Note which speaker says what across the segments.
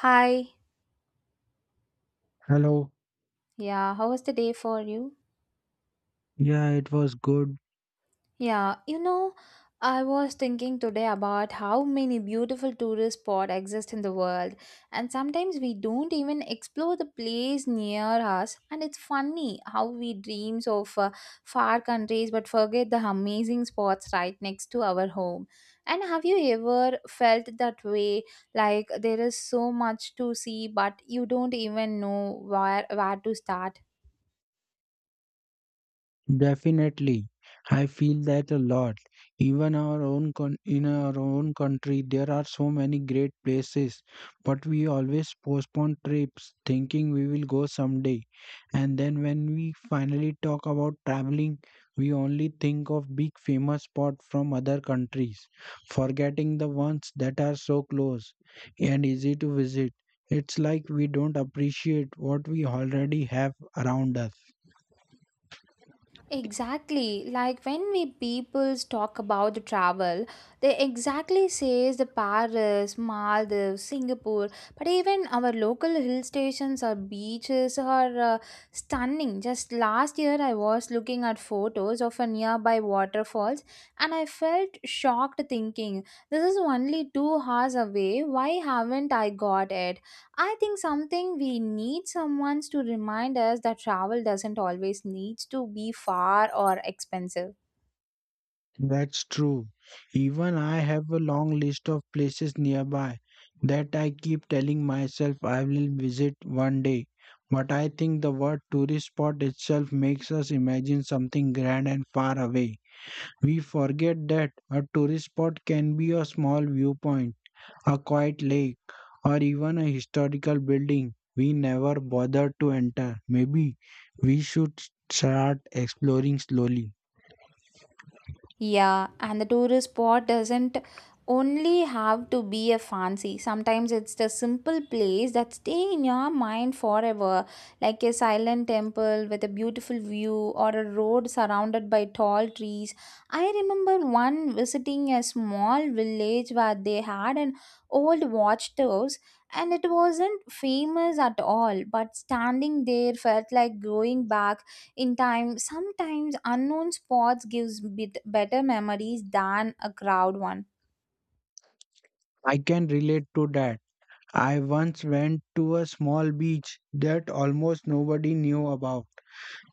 Speaker 1: Hi.
Speaker 2: Hello.
Speaker 1: Yeah, how was the day for you?
Speaker 2: Yeah, it was good.
Speaker 1: Yeah, you know, I was thinking today about how many beautiful tourist spots exist in the world, and sometimes we don't even explore the place near us. And it's funny how we dreams of far countries but forget the amazing spots right next to our home. And have you ever felt that way? Like there is so much to see, but you don't even know where to start.
Speaker 2: Definitely. I feel that a lot. Even our own in our own country, there are so many great places, but we always postpone trips, thinking we will go someday. And then when we finally talk about traveling, we only think of big famous spots from other countries, forgetting the ones that are so close and easy to visit. It's like we don't appreciate what we already have around us.
Speaker 1: Exactly. Like when we peoples talk about the travel, they exactly says the Paris, Maldives, Singapore, but even our local hill stations or beaches are stunning. Just last year I was looking at photos of a nearby waterfalls and I felt shocked thinking this is only 2 hours away. Why haven't I got it? I think something we need someone to remind us that travel doesn't always need to be far or expensive.
Speaker 2: That's true. Even I have a long list of places nearby that I keep telling myself I will visit one day. But I think the word tourist spot itself makes us imagine something grand and far away. We forget that a tourist spot can be a small viewpoint, a quiet lake, or even a historical building we never bothered to enter. Maybe we should start exploring slowly.
Speaker 1: Yeah, and the tourist spot doesn't only have to be a fancy. Sometimes it's the simple place that stay in your mind forever, like a silent temple with a beautiful view or a road surrounded by tall trees. I remember one visiting a small village where they had an old watchtower, and it wasn't famous at all, but standing there felt like going back in time. Sometimes unknown spots gives bit better memories than a crowd one.
Speaker 2: I can relate to that. I once went to a small beach that almost nobody knew about.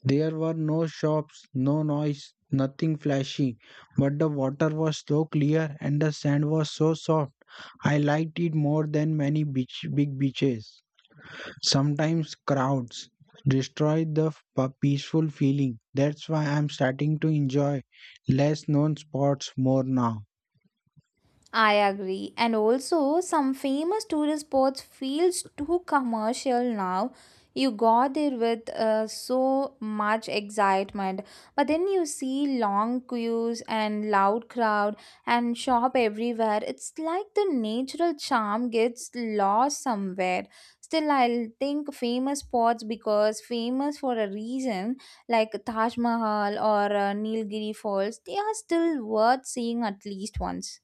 Speaker 2: There were no shops, no noise, nothing flashy, but the water was so clear and the sand was so soft. I liked it more than many big beaches. Sometimes crowds destroy the peaceful feeling. That's why I'm starting to enjoy less known spots more now.
Speaker 1: I agree. And also, some famous tourist spots feels too commercial now. You go there with so much excitement, but then you see long queues and loud crowd and shop everywhere. It's like the natural charm gets lost somewhere. Still, I'll think famous spots because famous for a reason, like Taj Mahal or Nilgiri Falls, they are still worth seeing at least once.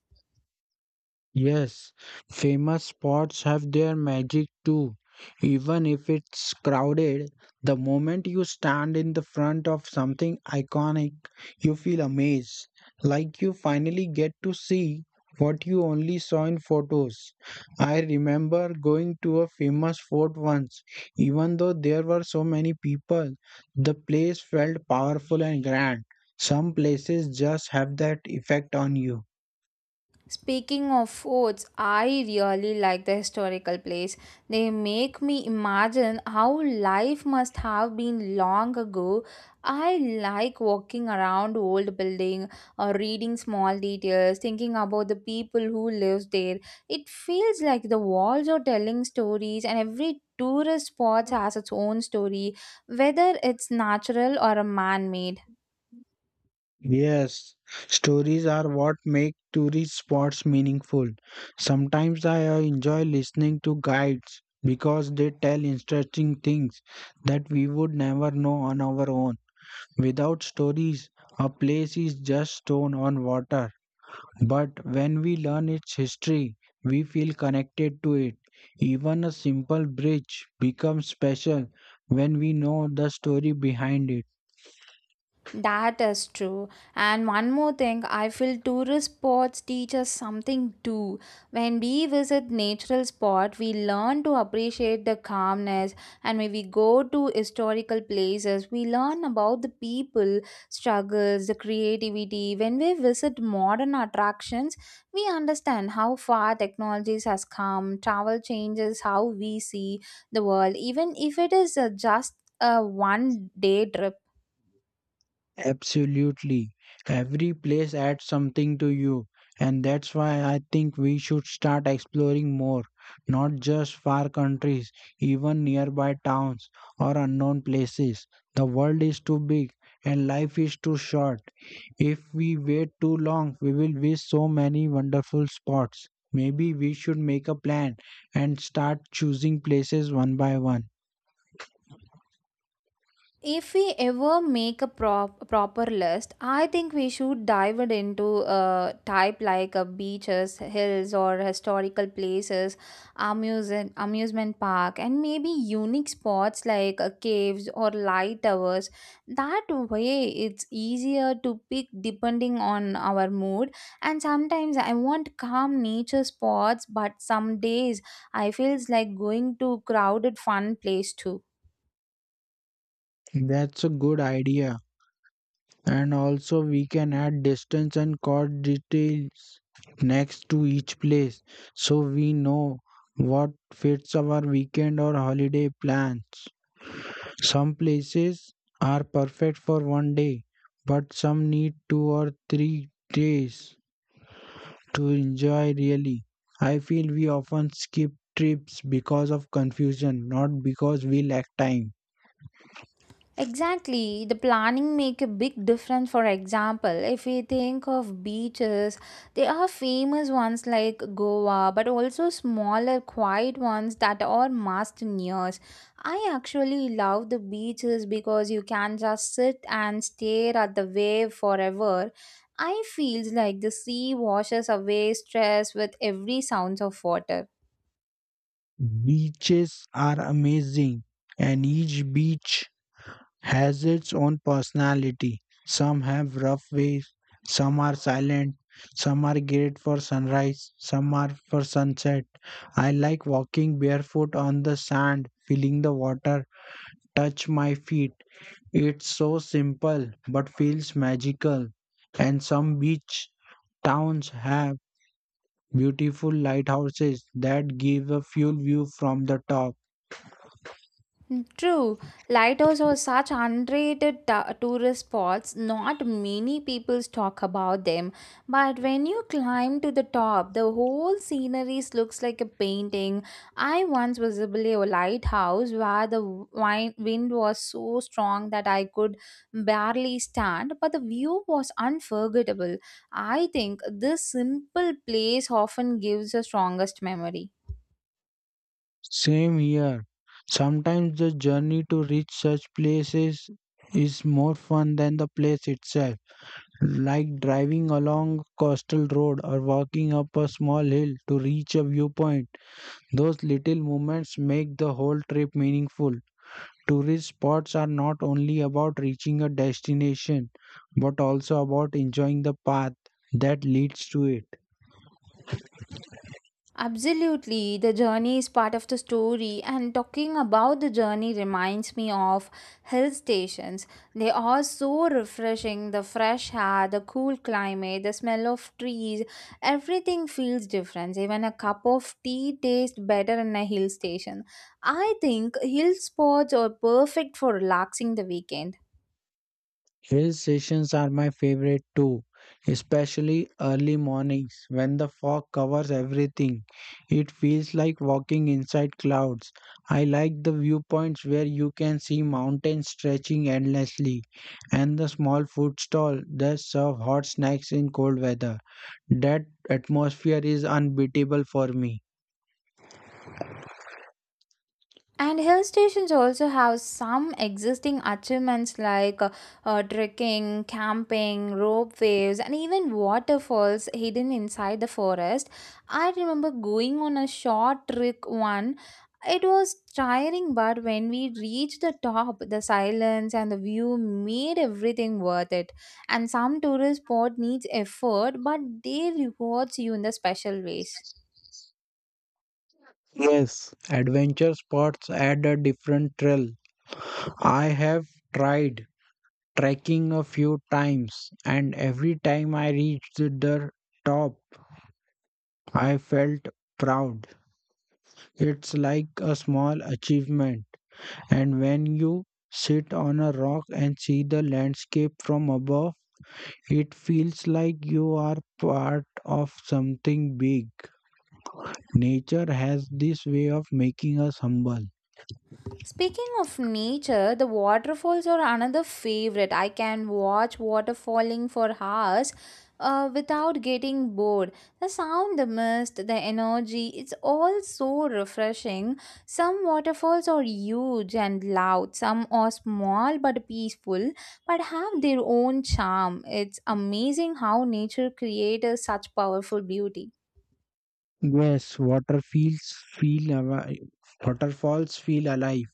Speaker 2: Yes, famous spots have their magic too. Even if it's crowded, the moment you stand in the front of something iconic, you feel amazed, like you finally get to see what you only saw in photos. I remember going to a famous fort once. Even though there were so many people, the place felt powerful and grand. Some places just have that effect on you.
Speaker 1: Speaking of forts, I really like the historical place. They make me imagine how life must have been long ago. I like walking around old building or reading small details, thinking about the people who lives there. It feels like the walls are telling stories, and every tourist spot has its own story, whether it's natural or a man-made.
Speaker 2: Yes, stories are what make tourist spots meaningful. Sometimes I enjoy listening to guides because they tell interesting things that we would never know on our own. Without stories, a place is just stone on water. But when we learn its history, we feel connected to it. Even a simple bridge becomes special when we know the story behind it.
Speaker 1: That is true. And one more thing, I feel tourist spots teach us something too. When we visit natural spot, we learn to appreciate the calmness, and when we go to historical places, we learn about the people, struggles, the creativity. When we visit modern attractions, we understand how far technologies has come. Travel changes how we see the world, even if it is just a one day trip.
Speaker 2: Absolutely. Every place adds something to you. And that's why I think we should start exploring more, not just far countries, even nearby towns or unknown places. The world is too big and life is too short. If we wait too long, we will miss so many wonderful spots. Maybe we should make a plan and start choosing places one by one.
Speaker 1: If we ever make a proper list, I think we should dive it into a type like a beaches, hills, or historical places, amusement park, and maybe unique spots like caves or light towers. That way, it's easier to pick depending on our mood. And sometimes I want calm nature spots, but some days I feels like going to crowded fun place too.
Speaker 2: That's a good idea. And also we can add distance and cost details next to each place so we know what fits our weekend or holiday plans. Some places are perfect for one day, but some need 2 or 3 days to enjoy really. I feel we often skip trips because of confusion, not because we lack time.
Speaker 1: Exactly, the planning make a big difference. For example, if we think of beaches, there are famous ones like Goa, but also smaller, quiet ones that are must nears. I actually love the beaches because you can just sit and stare at the wave forever. I feels like the sea washes away stress with every sounds of water.
Speaker 2: Beaches are amazing, and each beach has its own personality. Some have rough ways, some are silent, some are great for sunrise, some are for sunset. I like walking barefoot on the sand, feeling the water touch my feet. It's so simple but feels magical. And some beach towns have beautiful lighthouses that give a full view from the top.
Speaker 1: True, lighthouse are such underrated tourist spots. Not many people talk about them, but when you climb to the top, the whole scenery looks like a painting. I once visited a lighthouse where the wind was so strong that I could barely stand, but the view was unforgettable. I think this simple place often gives the strongest memory.
Speaker 2: Same here. Sometimes the journey to reach such places is more fun than the place itself, like driving along coastal road or walking up a small hill to reach a viewpoint. Those little moments make the whole trip meaningful. Tourist spots are not only about reaching a destination, but also about enjoying the path that leads to it.
Speaker 1: Absolutely, the journey is part of the story, and talking about the journey reminds me of hill stations. They are so refreshing. The fresh air, the cool climate, the smell of trees, everything feels different. Even a cup of tea tastes better in a hill station. I think hill spots are perfect for relaxing the weekend.
Speaker 2: Hill stations are my favorite too, especially early mornings when the fog covers everything. It feels like walking inside clouds. I like the viewpoints where you can see mountains stretching endlessly and the small food stall that serve hot snacks in cold weather. That atmosphere is unbeatable for me.
Speaker 1: And hill stations also have some existing achievements like trekking, camping, rope waves, and even waterfalls hidden inside the forest. I remember going on a short trek one. It was tiring, but when we reached the top, the silence and the view made everything worth it. And some tourist spot needs effort, but they rewards you in the special ways.
Speaker 2: Yes, adventure spots add a different thrill. I have tried trekking a few times, and every time I reached the top, I felt proud. It's like a small achievement. And when you sit on a rock and see the landscape from above, it feels like you are part of something big. Nature has this way of making us humble.
Speaker 1: Speaking of nature, the waterfalls are another favorite. I can watch water falling for hours without getting bored. The sound, the mist, the energy, it's all so refreshing. Some waterfalls are huge and loud, some are small but peaceful, but have their own charm. It's amazing how nature creates such powerful beauty.
Speaker 2: Yes, water feel alive. Waterfalls feel alive.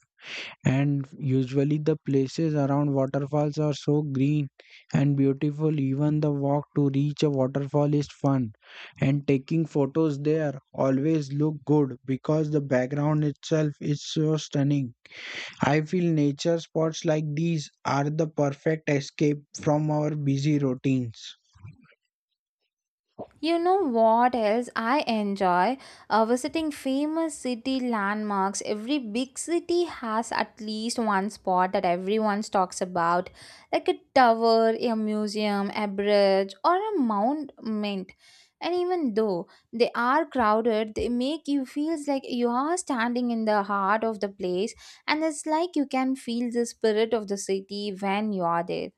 Speaker 2: And usually the places around waterfalls are so green and beautiful, even the walk to reach a waterfall is fun. And taking photos there always look good because the background itself is so stunning. I feel nature spots like these are the perfect escape from our busy routines.
Speaker 1: You know what else I enjoy? Visiting famous city landmarks. Every big city has at least one spot that everyone talks about, like a tower, a museum, a bridge, or a monument. And even though they are crowded, they make you feels like you are standing in the heart of the place, and it's like you can feel the spirit of the city when you are there.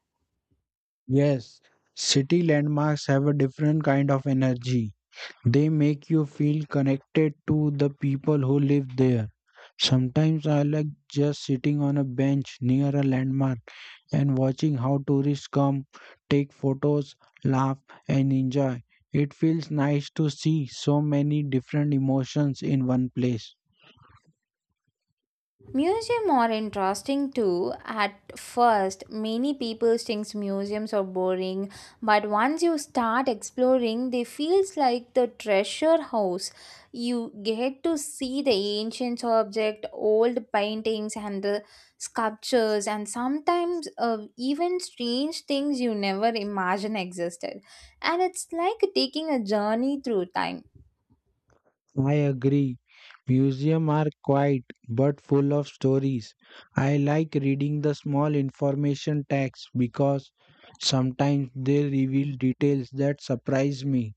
Speaker 2: Yes, city landmarks have a different kind of energy. They make you feel connected to the people who live there. Sometimes I like just sitting on a bench near a landmark and watching how tourists come, take photos, laugh, and enjoy. It feels nice to see so many different emotions in one place.
Speaker 1: Museum are interesting too. At first, many people think museums are boring, but once you start exploring, they feels like the treasure house. You get to see the ancient object, old paintings and the sculptures, and sometimes even strange things you never imagine existed, and it's like taking a journey through time.
Speaker 2: I agree. Museums are quiet but full of stories. I like reading the small information tags because sometimes they reveal details that surprise me.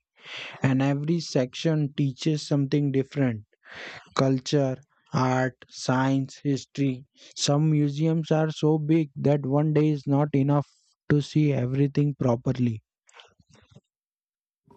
Speaker 2: And every section teaches something different: culture, art, science, history. Some museums are so big that one day is not enough to see everything properly.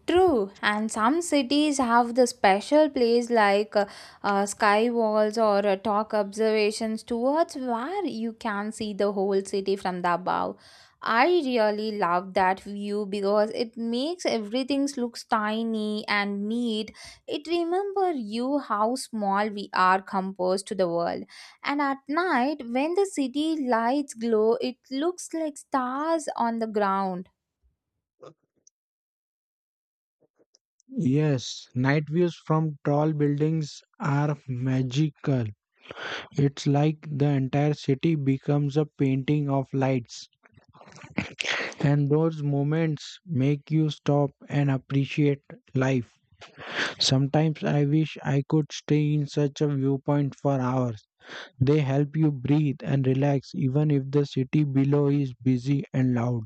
Speaker 1: True, and some cities have the special place like sky walls or talk observations towards where you can see the whole city from the above. I really love that view because it makes everything looks tiny and neat. It remember you how small we are composed to the world. And at night when the city lights glow, it looks like stars on the ground.
Speaker 2: Yes, night views from tall buildings are magical. It's like the entire city becomes a painting of lights, and those moments make you stop and appreciate life. Sometimes I wish I could stay in such a viewpoint for hours. They help you breathe and relax, even if the city below is busy and loud.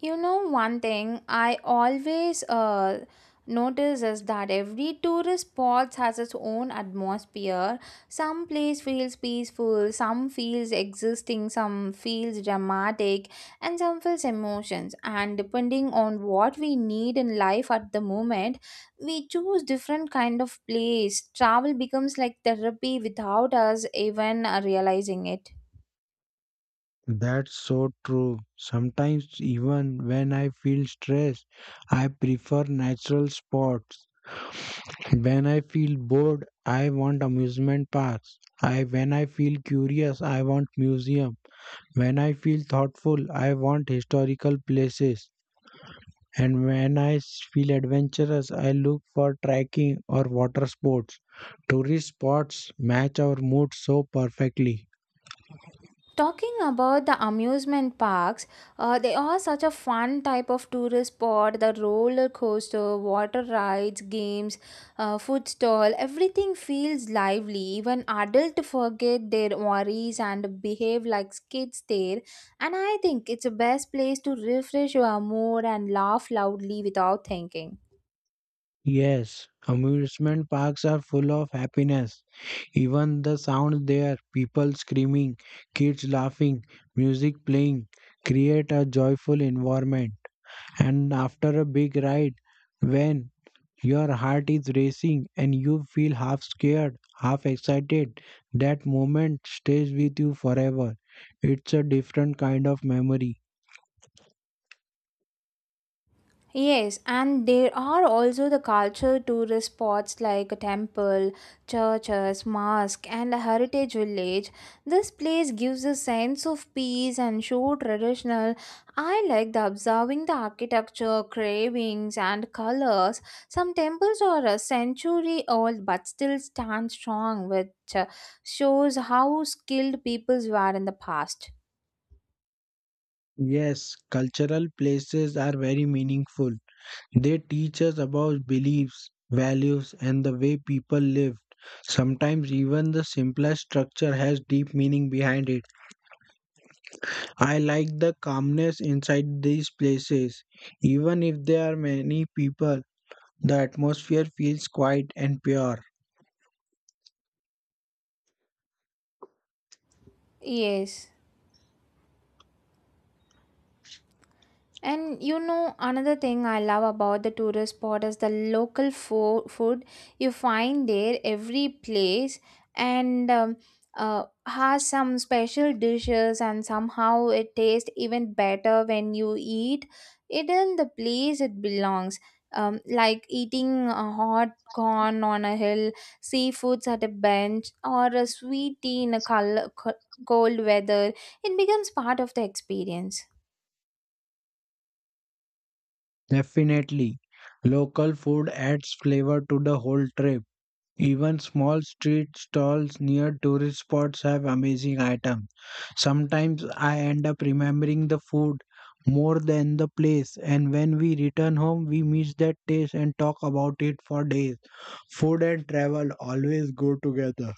Speaker 1: You know, one thing I always notice is that every tourist spot has its own atmosphere. Some place feels peaceful, some feels existing, some feels dramatic, and some feels emotions. And depending on what we need in life at the moment, we choose different kind of place. Travel becomes like therapy without us even realizing it.
Speaker 2: That's so true. Sometimes, even when I feel stressed, I prefer natural spots. When I feel bored, I want amusement parks. I When I feel curious, I want museum. When I feel thoughtful, I want historical places. And when I feel adventurous, I look for trekking or water sports. Tourist spots match our mood so perfectly.
Speaker 1: Talking about the amusement parks, they are such a fun type of tourist spot. The roller coaster, water rides, games, food stall, everything feels lively. Even adults forget their worries and behave like kids there. And I think it's the best place to refresh your mood and laugh loudly without thinking.
Speaker 2: Yes, amusement parks are full of happiness. Even the sound there, people screaming, kids laughing, music playing, create a joyful environment. And after a big ride, when your heart is racing and you feel half scared, half excited, that moment stays with you forever. It's a different kind of memory.
Speaker 1: Yes, and there are also the culture tourist spots like a temple, churches, mosque, and a heritage village. This place gives a sense of peace and show traditional. I like the observing the architecture, carvings, and colors. Some temples are a century old but still stand strong, which shows how skilled peoples were in the past.
Speaker 2: Yes, cultural places are very meaningful. They teach us about beliefs, values, and the way people lived. Sometimes even the simplest structure has deep meaning behind it. I like the calmness inside these places. Even if there are many people, the atmosphere feels quiet and pure.
Speaker 1: Yes. And you know, another thing I love about the tourist spot is the local food you find there every place and has some special dishes, and somehow it tastes even better when you eat it in the place it belongs. Like eating a hot corn on a hill, seafoods at a bench, or a sweet tea in a cold weather, it becomes part of the experience.
Speaker 2: Definitely, local food adds flavor to the whole trip. Even small street stalls near tourist spots have amazing items. Sometimes I end up remembering the food more than the place, and when we return home, we miss that taste and talk about it for days. Food and travel always go together.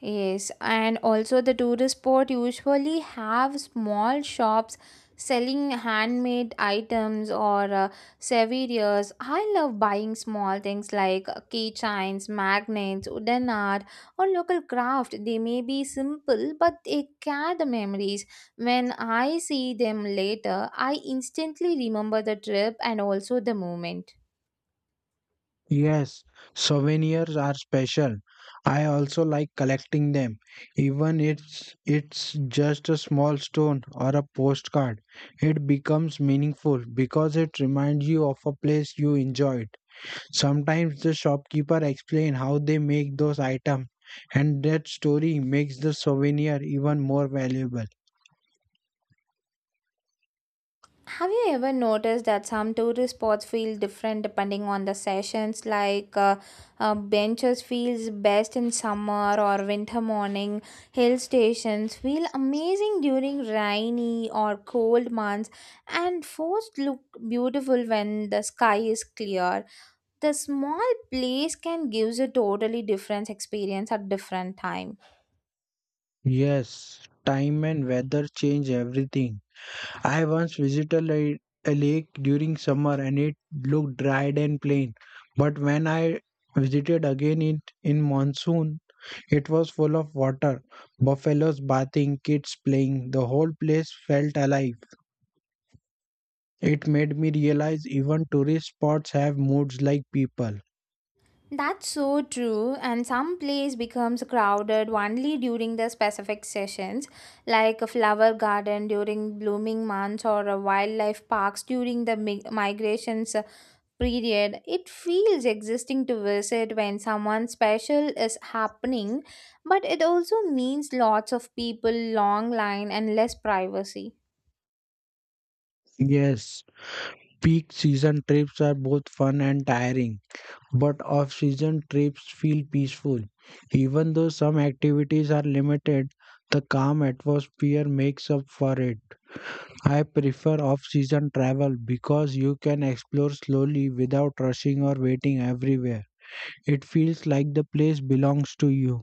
Speaker 1: Yes, and also the tourist spot usually have small shops selling handmade items or souvenirs. I love buying small things like keychains, magnets, wooden art, or local craft. They may be simple, but they carry the memories. When I see them later, I instantly remember the trip and also the moment.
Speaker 2: Yes, souvenirs are special. I also like collecting them. Even it's just a small stone or a postcard. It becomes meaningful because it reminds you of a place you enjoyed. Sometimes the shopkeeper explain how they make those items and that story makes the souvenir even more valuable.
Speaker 1: Have you ever noticed that some tourist spots feel different depending on the sessions? Like benches feels best in summer or winter morning. Hill stations feel amazing during rainy or cold months, and forests look beautiful when the sky is clear. The small place can give a totally different experience at different times.
Speaker 2: Yes, time and weather change everything. I once visited a lake during summer and it looked dried and plain. But when I visited again in monsoon, it was full of water, buffaloes bathing, kids playing. The whole place felt alive. It made me realize even tourist spots have moods like people.
Speaker 1: That's so true, and some place becomes crowded only during the specific sessions, like a flower garden during blooming months or a wildlife parks during the migrations period. It feels existing to visit when someone special is happening, but it also means lots of people, long line, and less privacy.
Speaker 2: Yes, peak season trips are both fun and tiring, but off season trips feel peaceful. Even though some activities are limited, the calm atmosphere makes up for it. I prefer off season travel because you can explore slowly without rushing or waiting everywhere. It feels like the place belongs to you.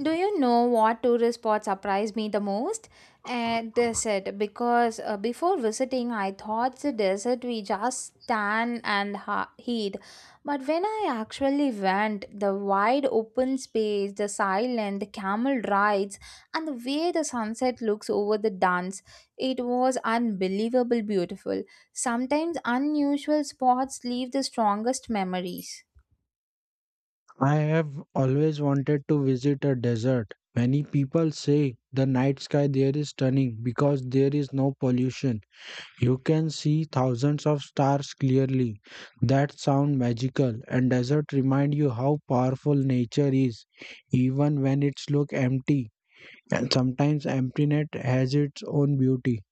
Speaker 1: Do you know what tourist spot surprised me the most? Desert, because before visiting, I thought the desert we just stand and heat. But when I actually went, the wide open space, the silence, the camel rides, and the way the sunset looks over the dunes, it was unbelievable beautiful. Sometimes unusual spots leave the strongest memories.
Speaker 2: I have always wanted to visit a desert. Many people say the night sky there is stunning because there is no pollution. You can see thousands of stars clearly. That sound magical, and desert remind you how powerful nature is even when it's look empty, and sometimes emptiness has its own beauty.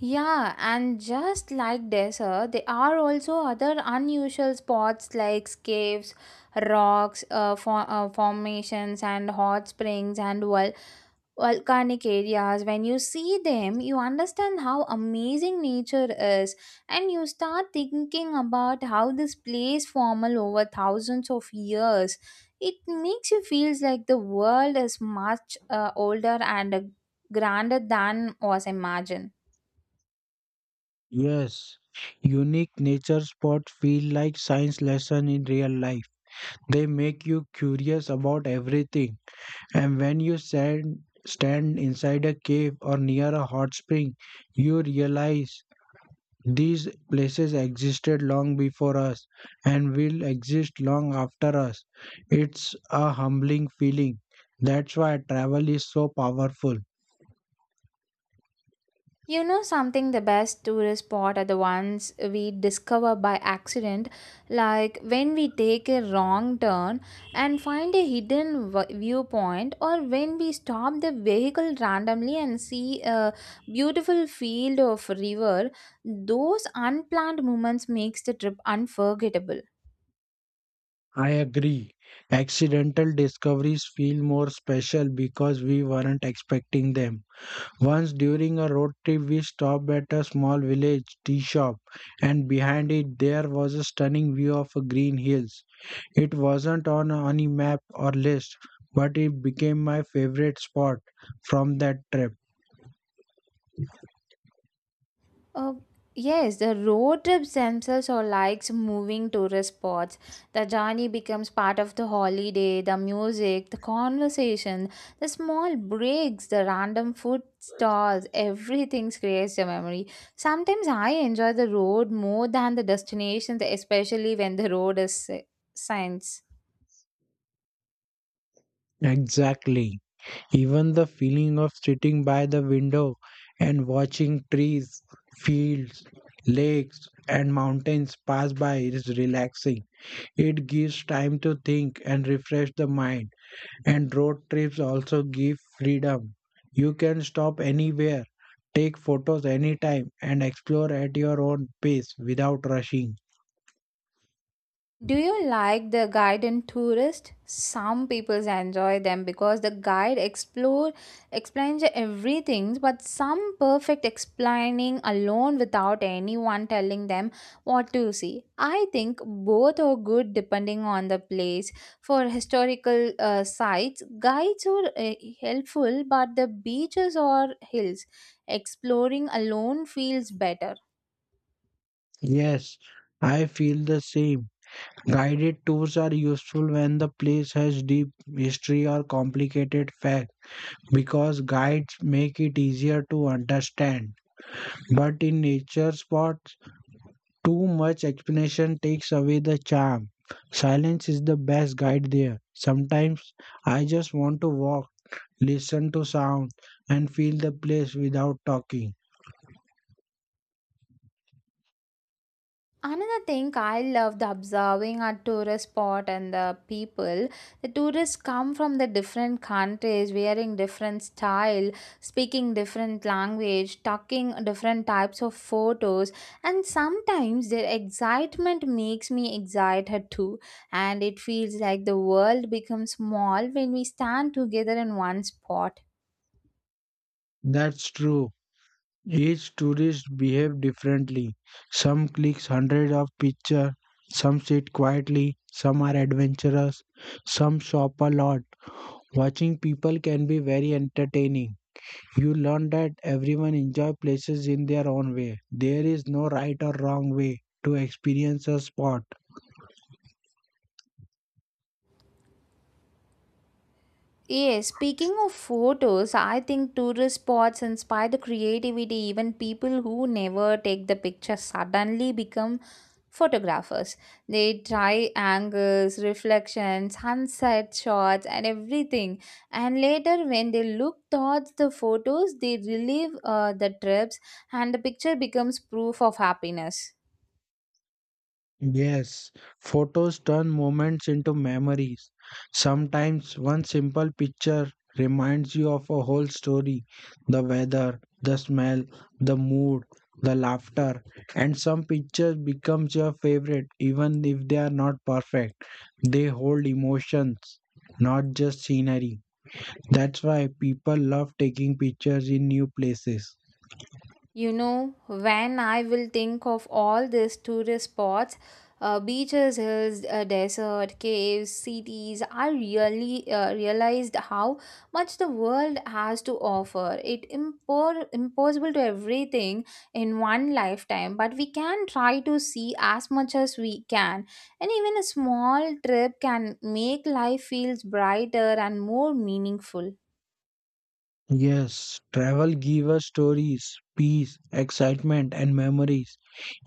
Speaker 1: Yeah, and just like desert, there are also other unusual spots like caves, rocks, for, formations, and hot springs and volcanic areas. When you see them, you understand how amazing nature is, and you start thinking about how this place formed over thousands of years. It makes you feel like the world is much older and grander than was imagined.
Speaker 2: Yes, unique nature spots feel like science lesson in real life. They make you curious about everything. And when you stand inside a cave or near a hot spring, you realize these places existed long before us and will exist long after us. It's a humbling feeling. That's why travel is so powerful.
Speaker 1: You know something, the best tourist spot are the ones we discover by accident, like when we take a wrong turn and find a hidden viewpoint, or when we stop the vehicle randomly and see a beautiful field of river. Those unplanned moments makes the trip unforgettable.
Speaker 2: I agree. Accidental discoveries feel more special because we weren't expecting them. Once during a road trip, we stopped at a small village tea shop, and behind it, there was a stunning view of a green hills. It wasn't on any map or list, but it became my favorite spot from that trip.
Speaker 1: Uh, yes, the road trips themselves are like moving tourist spots. The journey becomes part of the holiday, the music, the conversation, the small breaks, the random food stalls, everything creates a memory. Sometimes I enjoy the road more than the destination, especially when the road is science.
Speaker 2: Exactly. Even the feeling of sitting by the window and watching trees, fields, lakes, and mountains pass by is relaxing. It gives time to think and refresh the mind. And road trips also give freedom. You can stop anywhere, take photos anytime, and explore at your own pace without rushing.
Speaker 1: Do you like the guide and tourist? Some people enjoy them because the guide explore explains everything, but some perfect explaining alone without anyone telling them what to see. I think both are good depending on the place. For historical sites, guides are helpful, but the beaches or hills exploring alone feels better.
Speaker 2: Yes, I feel the same. Guided tours are useful when the place has deep history or complicated facts because guides make it easier to understand. But in nature spots, too much explanation takes away the charm. Silence is the best guide there. Sometimes I just want to walk, listen to sound, and feel the place without talking.
Speaker 1: Another thing I love the observing at tourist spot and the people. The tourists come from the different countries, wearing different style, speaking different language, talking different types of photos, and sometimes their excitement makes me excited too. And it feels like the world becomes small when we stand together in one spot.
Speaker 2: That's true. Each tourist behave differently. Some clicks hundreds of pictures, some sit quietly, some are adventurous, some shop a lot. Watching people can be very entertaining. You learn that everyone enjoy places in their own way. There is no right or wrong way to experience a spot.
Speaker 1: Yes, speaking of photos, I think tourist spots inspire the creativity. Even people who never take the picture suddenly become photographers. They try angles, reflections, sunset shots, and everything. And later, when they look towards the photos, they relive the trips, and the picture becomes proof of happiness.
Speaker 2: Yes, photos turn moments into memories. Sometimes one simple picture reminds you of a whole story: the weather, the smell, the mood, the laughter, and some pictures becomes your favorite even if they are not perfect. They hold emotions, not just scenery. That's why people love taking pictures in new places.
Speaker 1: You know, when I will think of all these tourist spots, beaches, hills, desert, caves, cities, I really realized how much the world has to offer. It impossible to everything in one lifetime, but we can try to see as much as we can. And even a small trip can make life feels brighter and more meaningful.
Speaker 2: Yes, travel gives us stories, peace, excitement, and memories.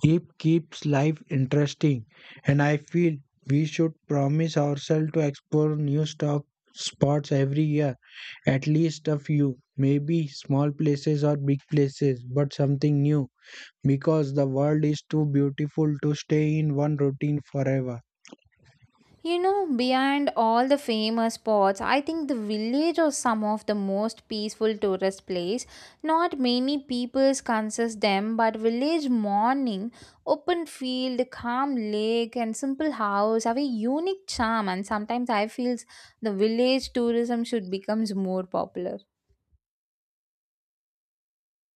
Speaker 2: It keeps life interesting, and I feel we should promise ourselves to explore new stop spots every year, at least a few, maybe small places or big places, but something new, because the world is too beautiful to stay in one routine forever.
Speaker 1: You know, beyond all the famous spots, I think the village are some of the most peaceful tourist place. Not many peoples consider them, but village morning, open field, calm lake, and simple house have a unique charm. And sometimes I feel the village tourism should becomes more popular.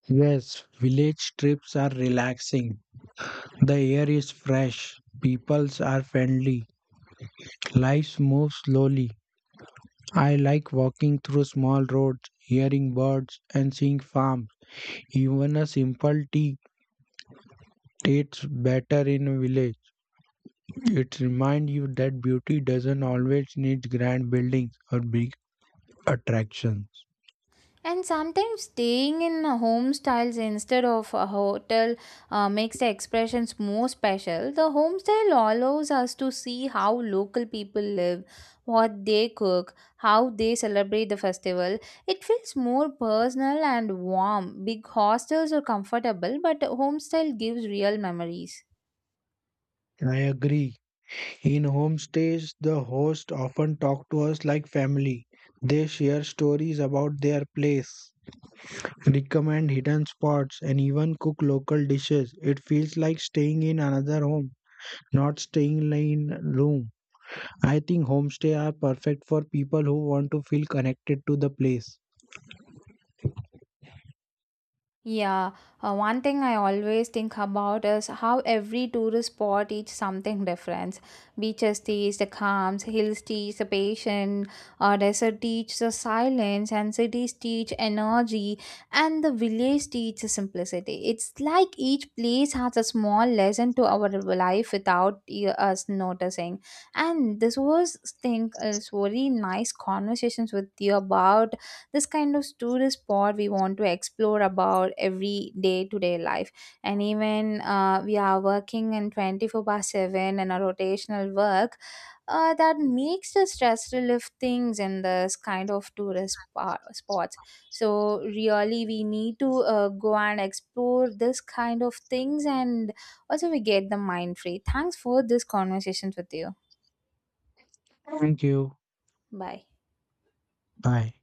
Speaker 2: Yes, village trips are relaxing. The air is fresh, peoples are friendly. Life moves slowly. I like walking through small roads, hearing birds, and seeing farms. Even a simple tea tastes better in a village. It reminds you that beauty doesn't always need grand buildings or big attractions.
Speaker 1: And sometimes staying in a home styles instead of a hotel makes the expressions more special. The home style allows us to see how local people live, what they cook, how they celebrate the festival. It feels more personal and warm. Big hostels are comfortable, but home style gives real memories.
Speaker 2: I agree. In homestays, the host often talk to us like family. They share stories about their place, recommend hidden spots, and even cook local dishes. It feels like staying in another home, not staying in room. I think homestay are perfect for people who want to feel connected to the place.
Speaker 1: Yeah, one thing I always think about is how every tourist spot teaches something different. Beaches teach the calms, hills teach the patience, desert teach the silence, and cities teach energy, and the village teach the simplicity. It's like each place has a small lesson to our life without us noticing. And this was, think, it's very nice conversations with you about this kind of tourist spot we want to explore about every day to day life, and even we are working in 24 by 7 and a rotational work that makes the stress relief things in this kind of tourist spots. So really we need to go and explore this kind of things, and also we get the mind free. Thanks for this conversations with you.
Speaker 2: Thank you.
Speaker 1: Bye.
Speaker 2: Bye.